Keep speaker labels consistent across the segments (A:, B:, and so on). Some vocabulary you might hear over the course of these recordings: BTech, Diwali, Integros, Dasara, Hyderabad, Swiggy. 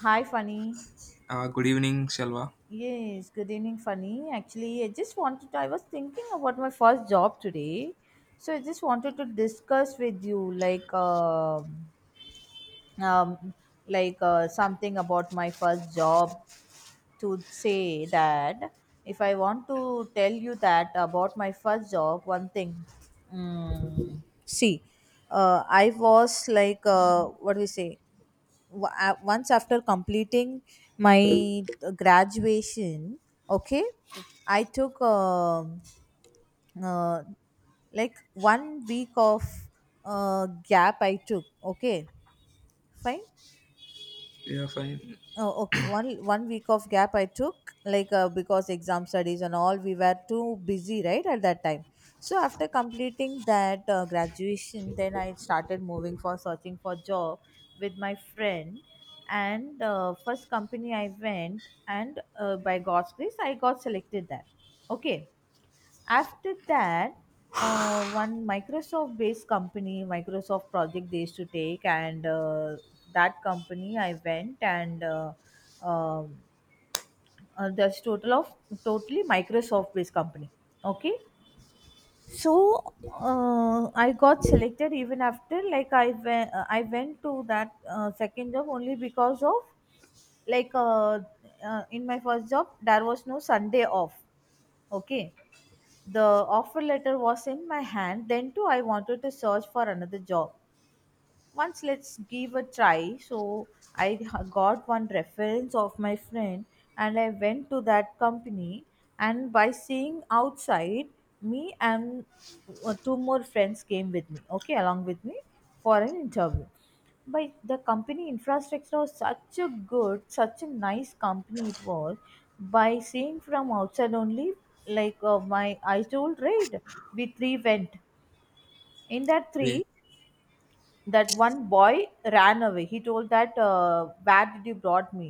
A: Hi, Funny.
B: Good evening, Shalwa.
A: Yes, good evening, Funny. Actually, I just wanted, I was thinking about my first job today. So I just wanted to discuss with you, um, like something about my first job to say that if I want to tell you that about my first job, one thing. See, I was like, what do we say? wa- Once after completing my graduation. Okay, I took, uh, like one week of gap I took. Okay, fine.
B: Yeah, fine.
A: Oh, okay. One week of gap I took, like because exam studies and all, we were too busy, right, at that time. So after completing that graduation, then I started moving for searching for job with my friend, and first company I went, and by God's grace, I got selected there. Okay. After that, one Microsoft based company, Microsoft project they used to take, and that company I went, and um, there's total of totally Microsoft based company. Okay, so I got selected. Even after, like, I went to that second job only because of, like, in my first job there was no Sunday off. Okay. The offer letter was in my hand. Then too, I wanted to search for another job. Once let's give a try. So I got one reference of my friend, and I went to that company. And by seeing outside, me and two more friends came with me. Okay, along with me for an interview. By the company infrastructure was such a good, such a nice company it was, by seeing from outside only, like, my, I told, right? We three went. In that
B: Yeah.
A: three, that one boy ran away. He told that where did you brought me,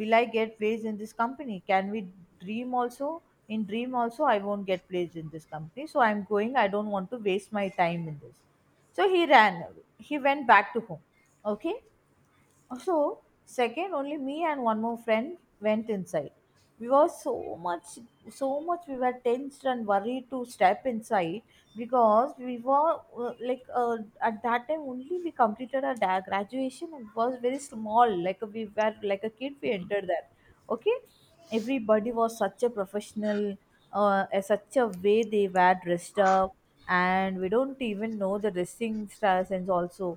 A: will I get placed in this company, can we dream also? In dream also I won't get placed in this company, so I'm going, I don't want to waste my time in this. So he ran away. He went back to home. Okay, so second, only me and one more friend went inside. We were so much, so much we were tensed and worried to step inside, because we were like, at that time only we completed our graduation and was very small. Like we were like a kid, we entered there. Okay, everybody was such a professional, such a way they were dressed up, and we don't even know the dressing styles and also.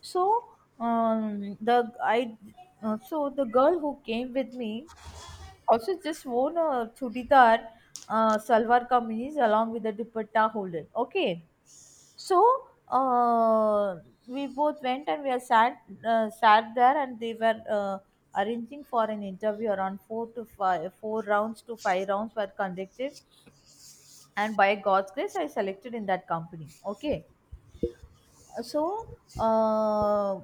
A: So the I so the girl who came with me also just wore a chudidar, salwar kameez along with the dupatta holder. Okay, so uh, we both went and we are sat, there and they were arranging for an interview. Around four to five, four rounds to five rounds were conducted, and by God's grace I selected in that company. Okay. So uh,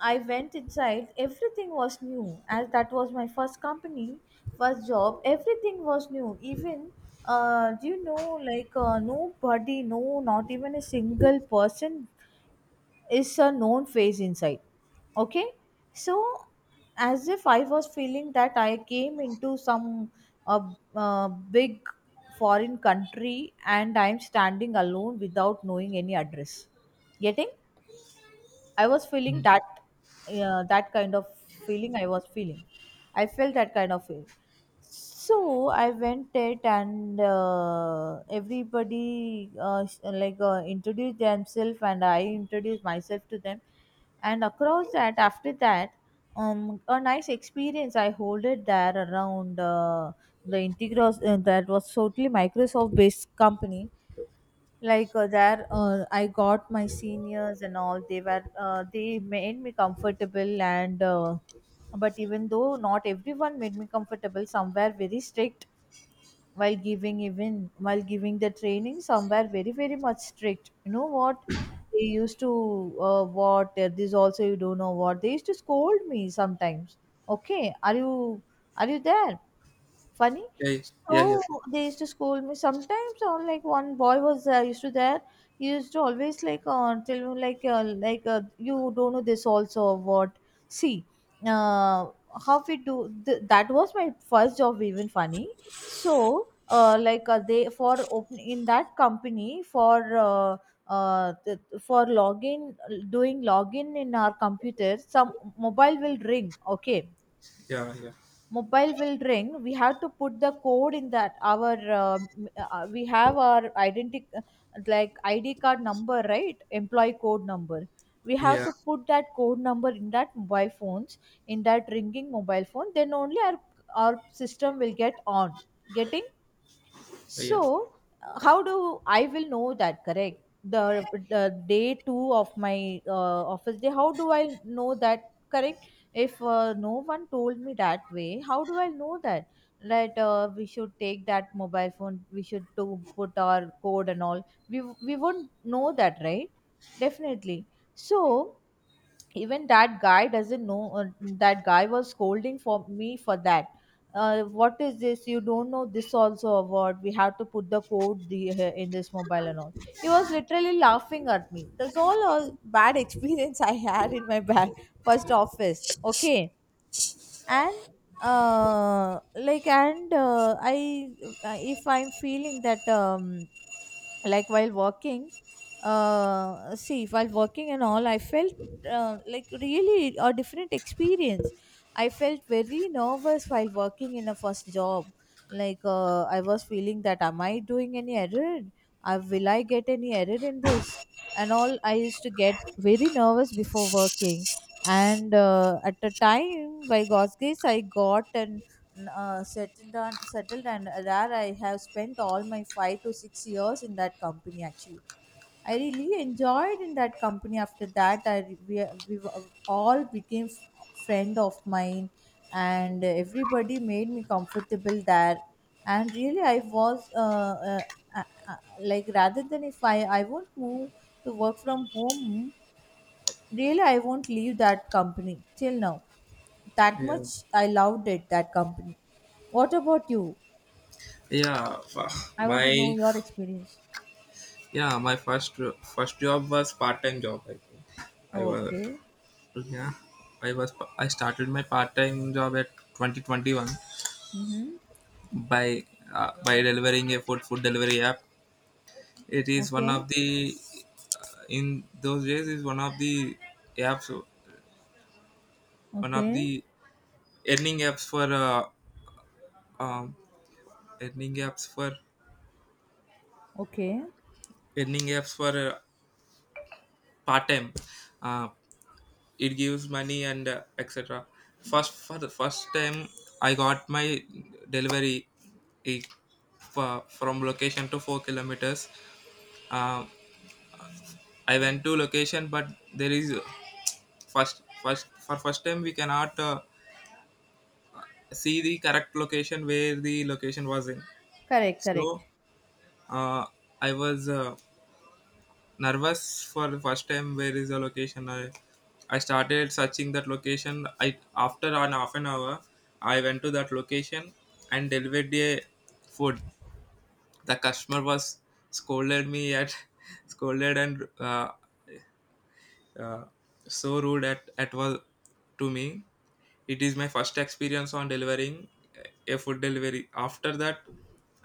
A: I went inside. Everything was new, as that was my first company, first job. Everything was new. Even, do you know, like, nobody, no, not even a single person is a known face inside. Okay, so as if I was feeling that I came into some uh, big foreign country and I'm standing alone without knowing any address. Getting? I was feeling
B: Mm.
A: that, that kind of feeling I was feeling. I felt that kind of feeling. So I went it, and everybody, like, introduced themselves and I introduced myself to them. And across that, after that, a nice experience I hold it there. Around the Integros, that was totally Microsoft based company, like there, I got my seniors and all, they were they made me comfortable, and but even though not everyone made me comfortable, some were very strict while giving, even while giving the training, some were very, very much strict. You know what, they used to, what, this also you don't know what, they used to scold me sometimes. Okay, are you there, Funny?
B: Yeah, yeah, yeah,
A: So they used to scold me sometimes, or like one boy was used to there. He used to always like, tell me like, you don't know this also or what. See, uh, how we do, that was my first job. Even, Funny. So like, they for open in that company for. For login, doing login in our computer, some mobile will ring. Okay,
B: yeah, yeah,
A: mobile will ring, we have to put the code in that our we have our identity like ID card number, right, employee code number. We have
B: yeah,
A: to put that code number in that mobile phones, in that ringing mobile phone, then only our system will get on. Getting?
B: yeah,
A: So, how do I will know that? Correct. The day two of my office day. How do I know that? Correct. If no one told me that way, how do I know that? That we should take that mobile phone. We should to put our code and all. We won't know that, right? Definitely. So even that guy doesn't know, that guy was scolding for me for that, what is this, you don't know this also award, we have to put the code, in this mobile and all. He was literally laughing at me. That's all, a bad experience I had in my bad first office. Okay. And like, and I if I'm feeling that, like, while walking, see, while walking and all I felt like really a different experience. I felt very nervous while working in a first job. Like I was feeling that, am I doing any error, will I get any error in this and all. I used to get very nervous before working, and at a time by God's grace I got, and settled, on settled. And there I have spent all my 5 to 6 years in that company, actually. I really enjoyed in that company. After that, we all became friend of mine, and everybody made me comfortable there. And really, I was uh, uh, like, rather than, if I won't move to work from home, really, I won't leave that company till now. That
B: yeah.
A: much I loved it, that company. What about you?
B: Yeah,
A: I want to know
B: My
A: your experience.
B: yeah, my first job was part time job. I think I was
A: Okay.
B: yeah, I was I started my part time job at 2021
A: Mm-hmm.
B: by by delivering a food delivery app. It is one
A: Okay.
B: of the in those days is one of the apps one of
A: Okay.
B: the earning apps for um, earning apps for
A: Okay.
B: earning apps for part time. Uh, it gives money and etc. First For the first time, I got my delivery it, from location to 4 kilometers. Uh, I went to location, but there is first time we cannot see the correct location where the location was in.
A: Correct,
B: So
A: correct.
B: uh, I was, nervous for the first time. Where is the location? I started searching that location. I After an half an hour, I went to that location and delivered a food. The customer was scolded me at scolded, and uh, so rude at was to me. It is my first experience on delivering a food delivery. After that,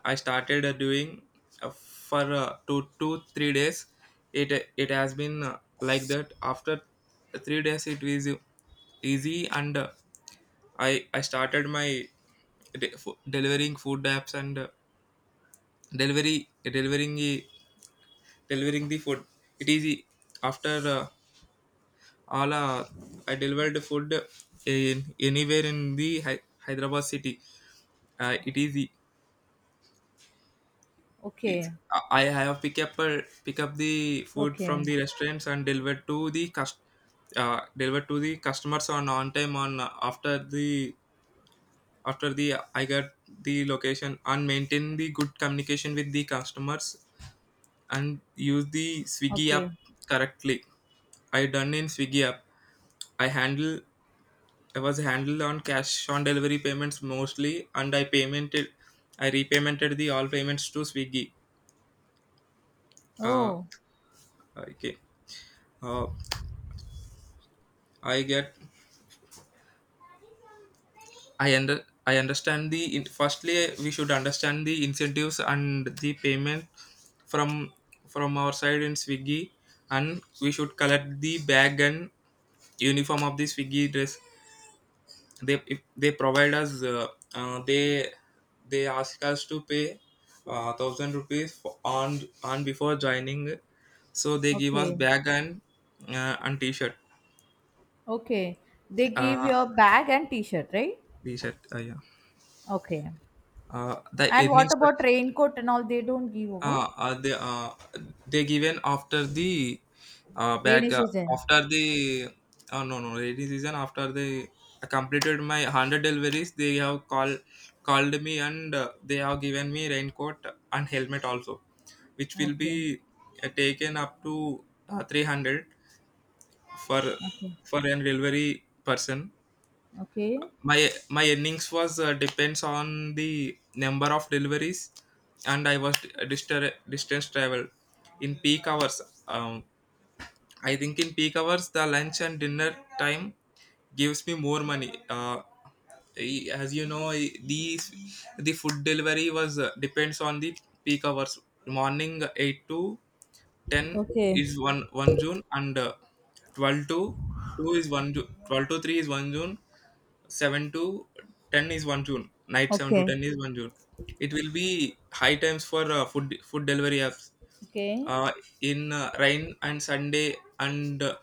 B: I started doing for 2 2 3 days. It has been like that. After 3 days, it is easy, and I started my delivering food apps and delivery delivering the food. It is e- After Ala, I delivered food in anywhere in the Hyderabad city. It is e- it,
A: Okay.
B: I have pick up the food from
A: Okay.
B: the restaurants and deliver to the cust deliver to the customers on time on after the I got the location and maintain the good communication with the customers and use the Swiggy app
A: Okay.
B: correctly. I done in Swiggy app. I handle I was handled on cash on delivery payments mostly, and I repaymented the all payments to Swiggy. Uh,
A: Oh.
B: okay. Uh, I get, I understand firstly, we should understand the incentives and the payment from from our side in Swiggy, and we should collect the bag and uniform of the Swiggy dress. They if they provide us uh, they they ask us to pay thousand rupees on before joining, so they give us
A: Okay.
B: bag and
A: Okay. They give
B: uh
A: your bag and t-shirt, right?
B: t-shirt. Yeah.
A: Okay.
B: The
A: And
B: earning
A: what about
B: structure.
A: raincoat and all? They don't give what?
B: They they given after the back
A: Rainy season.
B: after the no rainy season. After they completed my 100 deliveries, they have called me, and they have given me raincoat and helmet also, which will be
A: Okay.
B: taken up to 300 for
A: Okay.
B: for an delivery person.
A: Okay.
B: My earnings was depends on the number of deliveries, and I was distance travel in peak hours. um, I think in peak hours the lunch and dinner time gives me more money. As you know, these the food delivery was depends on the peak hours. Morning 8 to 10
A: Okay.
B: is 1 1 june, and 12 to 2 is 1 june, 12 to 3 is 1 june, 7 to 10 is 1 June. Night 7 to
A: Okay.
B: 10 is 1 June. It will be high times for food delivery apps.
A: Okay.
B: Uh, in rain and Sunday and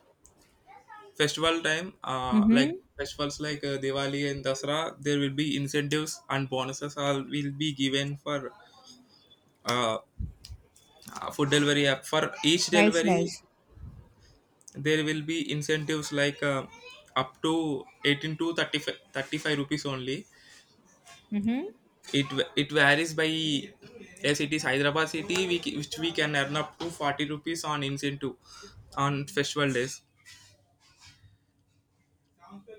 B: festival time, like
A: Mm-hmm.
B: festivals like Diwali and Dasara, there will be incentives and bonuses all will be given for uh, food delivery app. For each
A: Nice,
B: delivery,
A: nice.
B: there will be incentives like up to 18 to 35, thirty-five rupees only.
A: Mm-hmm.
B: It it varies by, yes, it is Hyderabad city, We ca- which we can earn up to 40 rupees on incentive on festival days.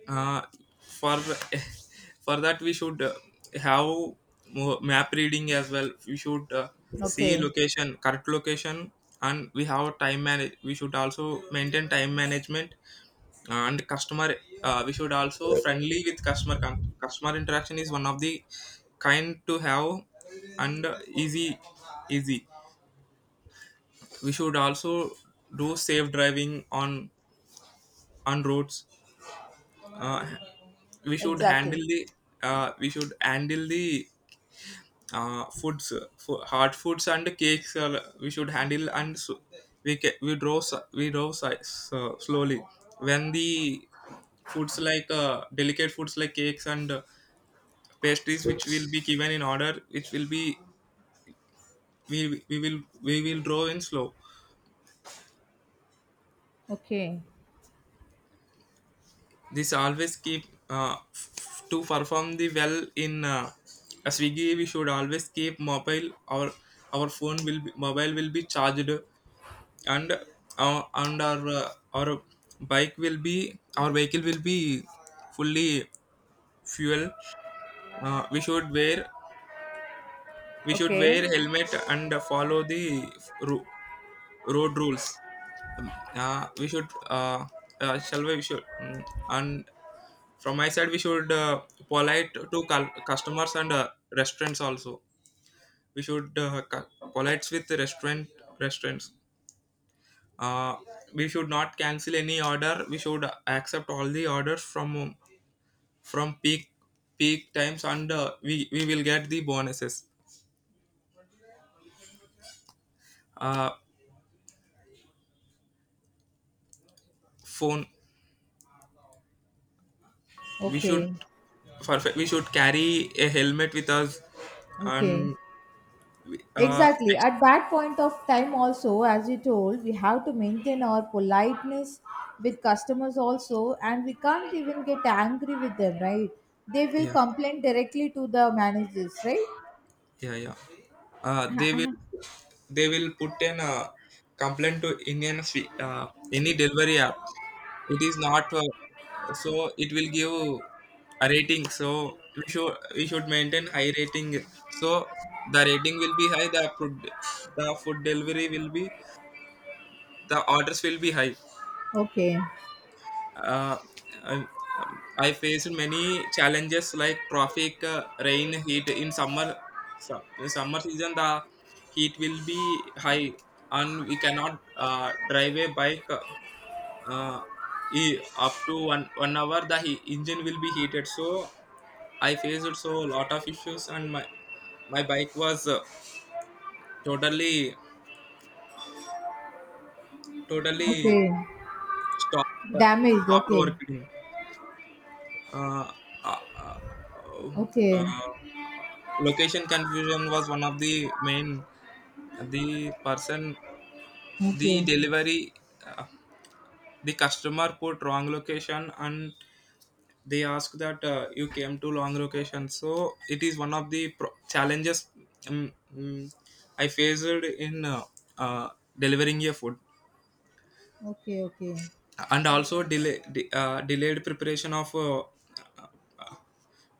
B: Uh, for for that we should have map reading as well. We should see
A: Okay.
B: location, correct location. And we have time manage. We should also maintain time management and customer. We should also friendly with customer interaction is one of the kind to have, and easy we should also do safe driving on roads. uh, we should handle
A: Exactly.
B: the we should handle the foods. For hard foods and cakes, we should handle. And so we draw slowly when the foods like delicate foods like cakes and pastries which will be given in order, which will be, we will draw in slow.
A: Okay.
B: This always keep to perform the well in a Swiggy. We should always keep mobile. Our our phone will be, mobile will be charged, and our and our uh, our bike will be, our vehicle will be fully fuel. uh, we should wear we should
A: Okay.
B: wear helmet and follow the ru- road rules. We should and from my side we should polite to customers and restaurants also. We should polite with the restaurants. uh, we should not cancel any order. We should accept all the orders from peak times, and we will get the bonuses. Uh, phone we should
A: Okay.
B: we should carry a helmet with us
A: Okay.
B: and we- uh,
A: Exactly. At that point of time, also, as you told, we have to maintain our politeness with customers, also, and we can't even get angry with them, right? They will
B: yeah,
A: complain directly to the managers, right?
B: yeah, yeah. Uh, they will they will put an complaint to any delivery app. It is not so it will give a rating. So we should maintain high rating. So the rating will be high. The food delivery will be, the orders will be high.
A: Okay.
B: Uh, I, I faced many challenges like traffic, rain, heat. In summer season, the heat will be high, and we cannot drive a bike uh, up to 1 1 hour. The engine will be heated. So I faced so lot of issues, and my bike was totally totally
A: Okay.
B: stopped, uh,
A: Damaged.
B: stopped
A: Okay.
B: working. uh, uh, uh,
A: Okay.
B: uh, Location confusion was one of the main. the person the
A: Okay.
B: delivery uh, the customer put wrong location, and they ask that you came to wrong location. So it is one of the challenges. um, um, I faced in uh, delivering a food.
A: Okay. Okay.
B: And also delayed preparation of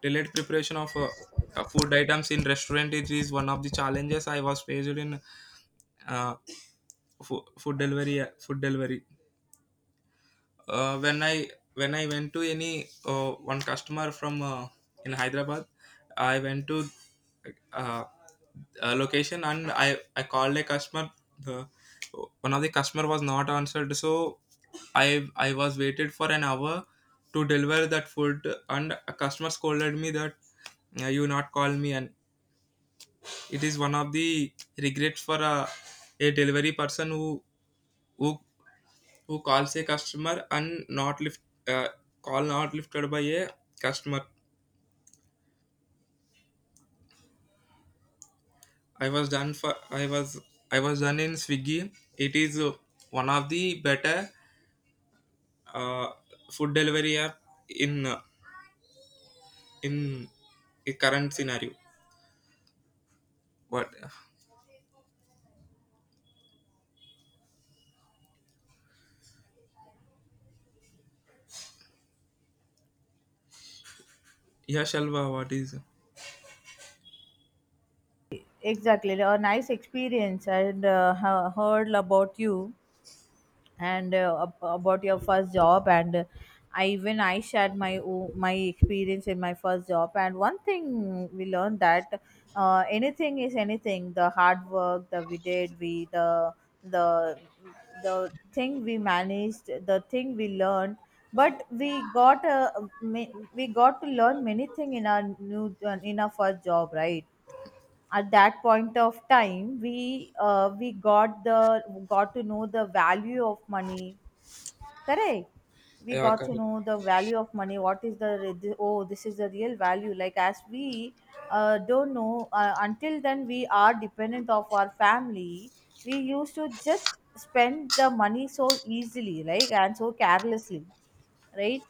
B: Delayed preparation of uh, food items in restaurant is one of the challenges I was faced in uh, food delivery. Food delivery. uh, when I when I went to any one customer from in Hyderabad, I went to uh, a location and I called a customer. The one of the customer was not answered, so I was waited for an hour to deliver that food, and a customer scolded me that, You not call me." And it is one of the regrets for a delivery person who who calls a customer and not lift. uh, Call not lifted by a customer. i was done for i was I was done in Swiggy. It is one of the better uh, food delivery app in uh, in a current scenario. But Yeah, Shalva, what is.
A: Exactly. A nice experience, and heard about you. And about your first job, and I even I shared my my experience in my first job. And one thing we learned, that anything is anything, the hard work that we did, we, the the thing we managed, the thing we learned. But we got, we got to learn many thing in our new, in our first job, right? At that point of time, we, we got the, got to know the value of money. Correct. We
B: Yeah,
A: got to
B: correct.
A: know the value of money. What is oh, this is the real value. Like as we, don't know, until then, we are dependent of our family. We used to just spend the money so easily, right, and so carelessly, right?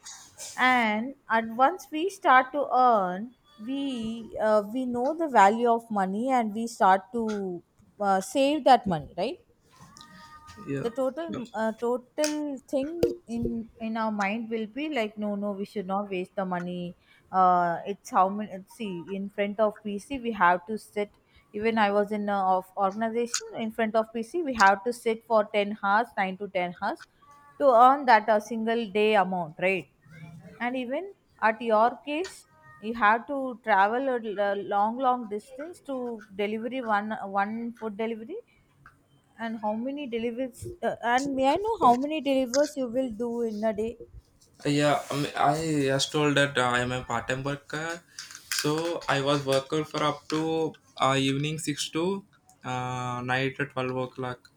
A: And once we start to earn, we, we know the value of money, and we start to save that money, right?
B: Yeah,
A: The
B: yeah.
A: total, total thing in our mind will be like, no, no, we should not waste the money. It's how many, see, in front of PC we have to sit. Even I was in a of organization, in front of PC we have to sit for 10 hours, 9 to 10 hours, to earn that a single day amount, right? And even at your case, you have to travel a long, long distance to delivery one food delivery. And how many delivers, and may I know how many delivers you will do in a day?
B: Yeah, mean, I just told that I am a part-time worker, so I was worker for up to evening six to night at 12 o'clock.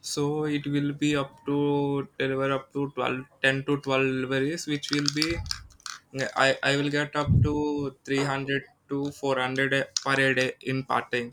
B: So it will be up to deliver up to 12 10 to 12 deliveries, which will be, I will get up to 300 to 400 per a day in part time.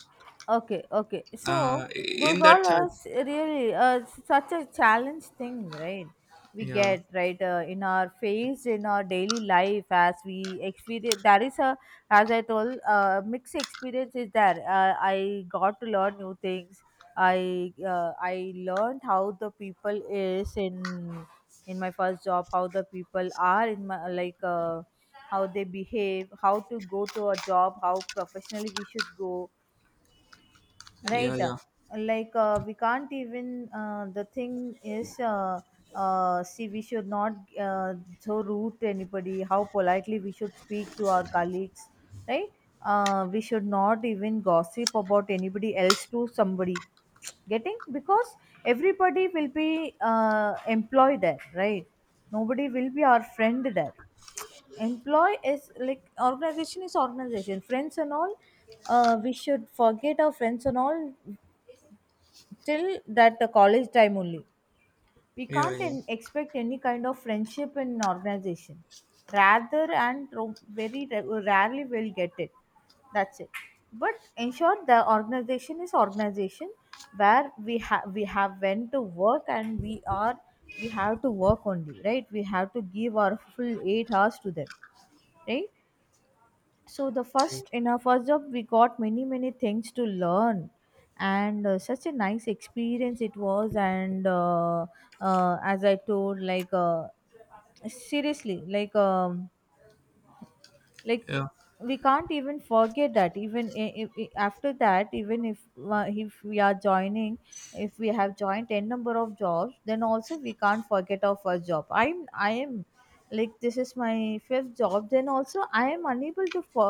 A: Okay, okay. So
B: In
A: those
B: that
A: all are
B: charge,
A: really, such a challenge thing, right? We
B: yeah,
A: get right, in our face in our daily life as we experience. There is a, mixed experience is there. I got to learn new things. I learned how the people is in my first job, how the people are in my how they behave, how to go to a job, how professionally we should go
B: yeah,
A: right
B: yeah,
A: we can't even the thing is, see, we should not so rude to anybody. How politely we should speak to our colleagues, right? We should not even gossip about anybody else to somebody. Getting because everybody will be employed there, right? Nobody will be our friend there employ is like organization is organization friends and all we should forget our friends and all till that the college time only we
B: yeah, yeah, yeah,
A: can't
B: yeah,
A: expect any kind of friendship in an organization rather and very rarely will get it, that's it. But in short, the organization is organization where we have went to work and we are, we have to work only right, we have to give our full 8 hours to them right. So the first in our first job we got many many things to learn and such a nice experience it was and as I told seriously like
B: yeah,
A: we can't even forget that even after that even if we are joining, if we have joined n number of jobs then also we can't forget our first job. I am like this is my fifth job then also I am unable to for,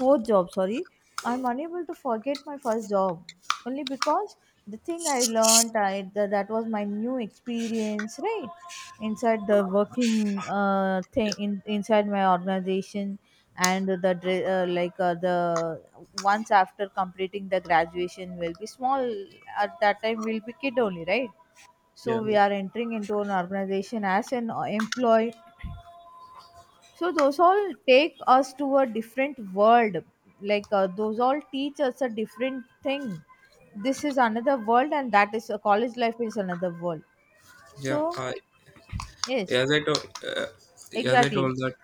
A: fourth job sorry, I'm unable to forget my first job only because the thing I learned, that was my new experience right, inside the working thing inside my organization. And the the once after completing the graduation will be small, at that time we'll be kid only right.
B: yeah.
A: So we are entering into an organization as an employee, so those all take us to a different world, those all teach us a different thing. This is another world and that is a college life is another world. So
B: Yeah. Yeah. I
A: yes,
B: As I told, as I
A: exactly,
B: told that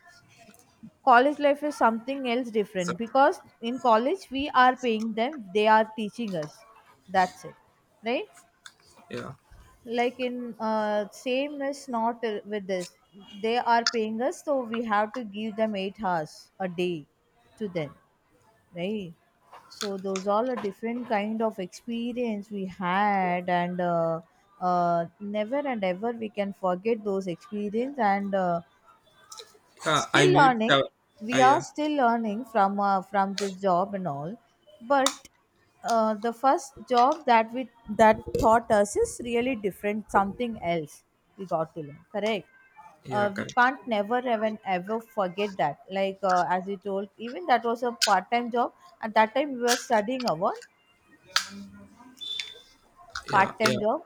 A: college life is something else different
B: something.
A: because in college we are paying them, they are teaching us, that's it, right.
B: Yeah,
A: Like in same is not with this, they are paying us so we have to give them 8 hours a day to them, right. So those all a different kind of experience we had and never and ever we can forget those experience and
B: yeah. I
A: still
B: meet.
A: learning, we are
B: Yeah,
A: still learning from this job and all. But the first job that we, that taught us is really different, something else we got to learn, correct.
B: yeah,
A: We
B: correct.
A: can't never even ever forget that, like as you told, even that was a part-time job. At that time we were studying our
B: Yeah,
A: part-time
B: yeah,
A: job.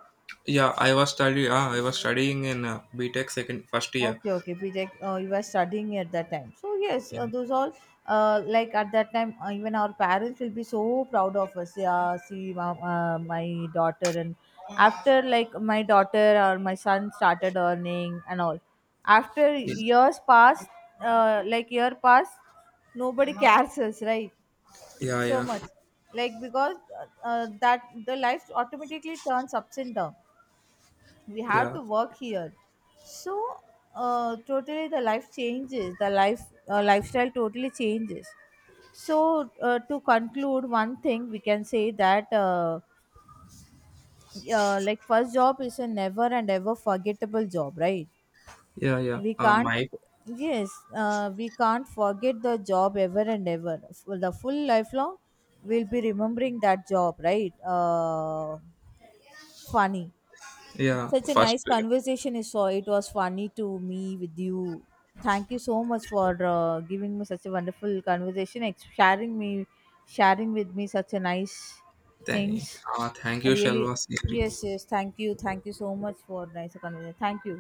B: yeah. I was study. I was studying in BTech second first year.
A: Okay, okay, project. You were studying at that time, so yes,
B: Yeah,
A: those all, like at that time, even our parents will be so proud of us. Yeah, see, mom, my daughter, and after like my daughter or my son started earning and all, after years passed, like year passed, nobody cares us, right?
B: yeah, yeah,
A: So much,
B: yeah,
A: like because that the life automatically turns ups and down, we have
B: yeah,
A: to work here. So totally the life changes, the life lifestyle totally changes. So to conclude one thing we can say that like first job is a never and ever forgettable job, right?
B: yeah. Yeah.
A: We can't,
B: My
A: yes, we can't forget the job ever and ever for the full lifelong, we'll be remembering that job, right? Funny.
B: yeah
A: Such a
B: first.
A: nice conversation is, so it was funny to me with you. Thank you so much for giving me such a wonderful conversation, sharing me, sharing with me such a nice
B: Thank,
A: things.
B: Thank
A: I
B: you,
A: really,
B: Shalva.
A: yes, yes. Thank you so much for nice conversation. Thank you.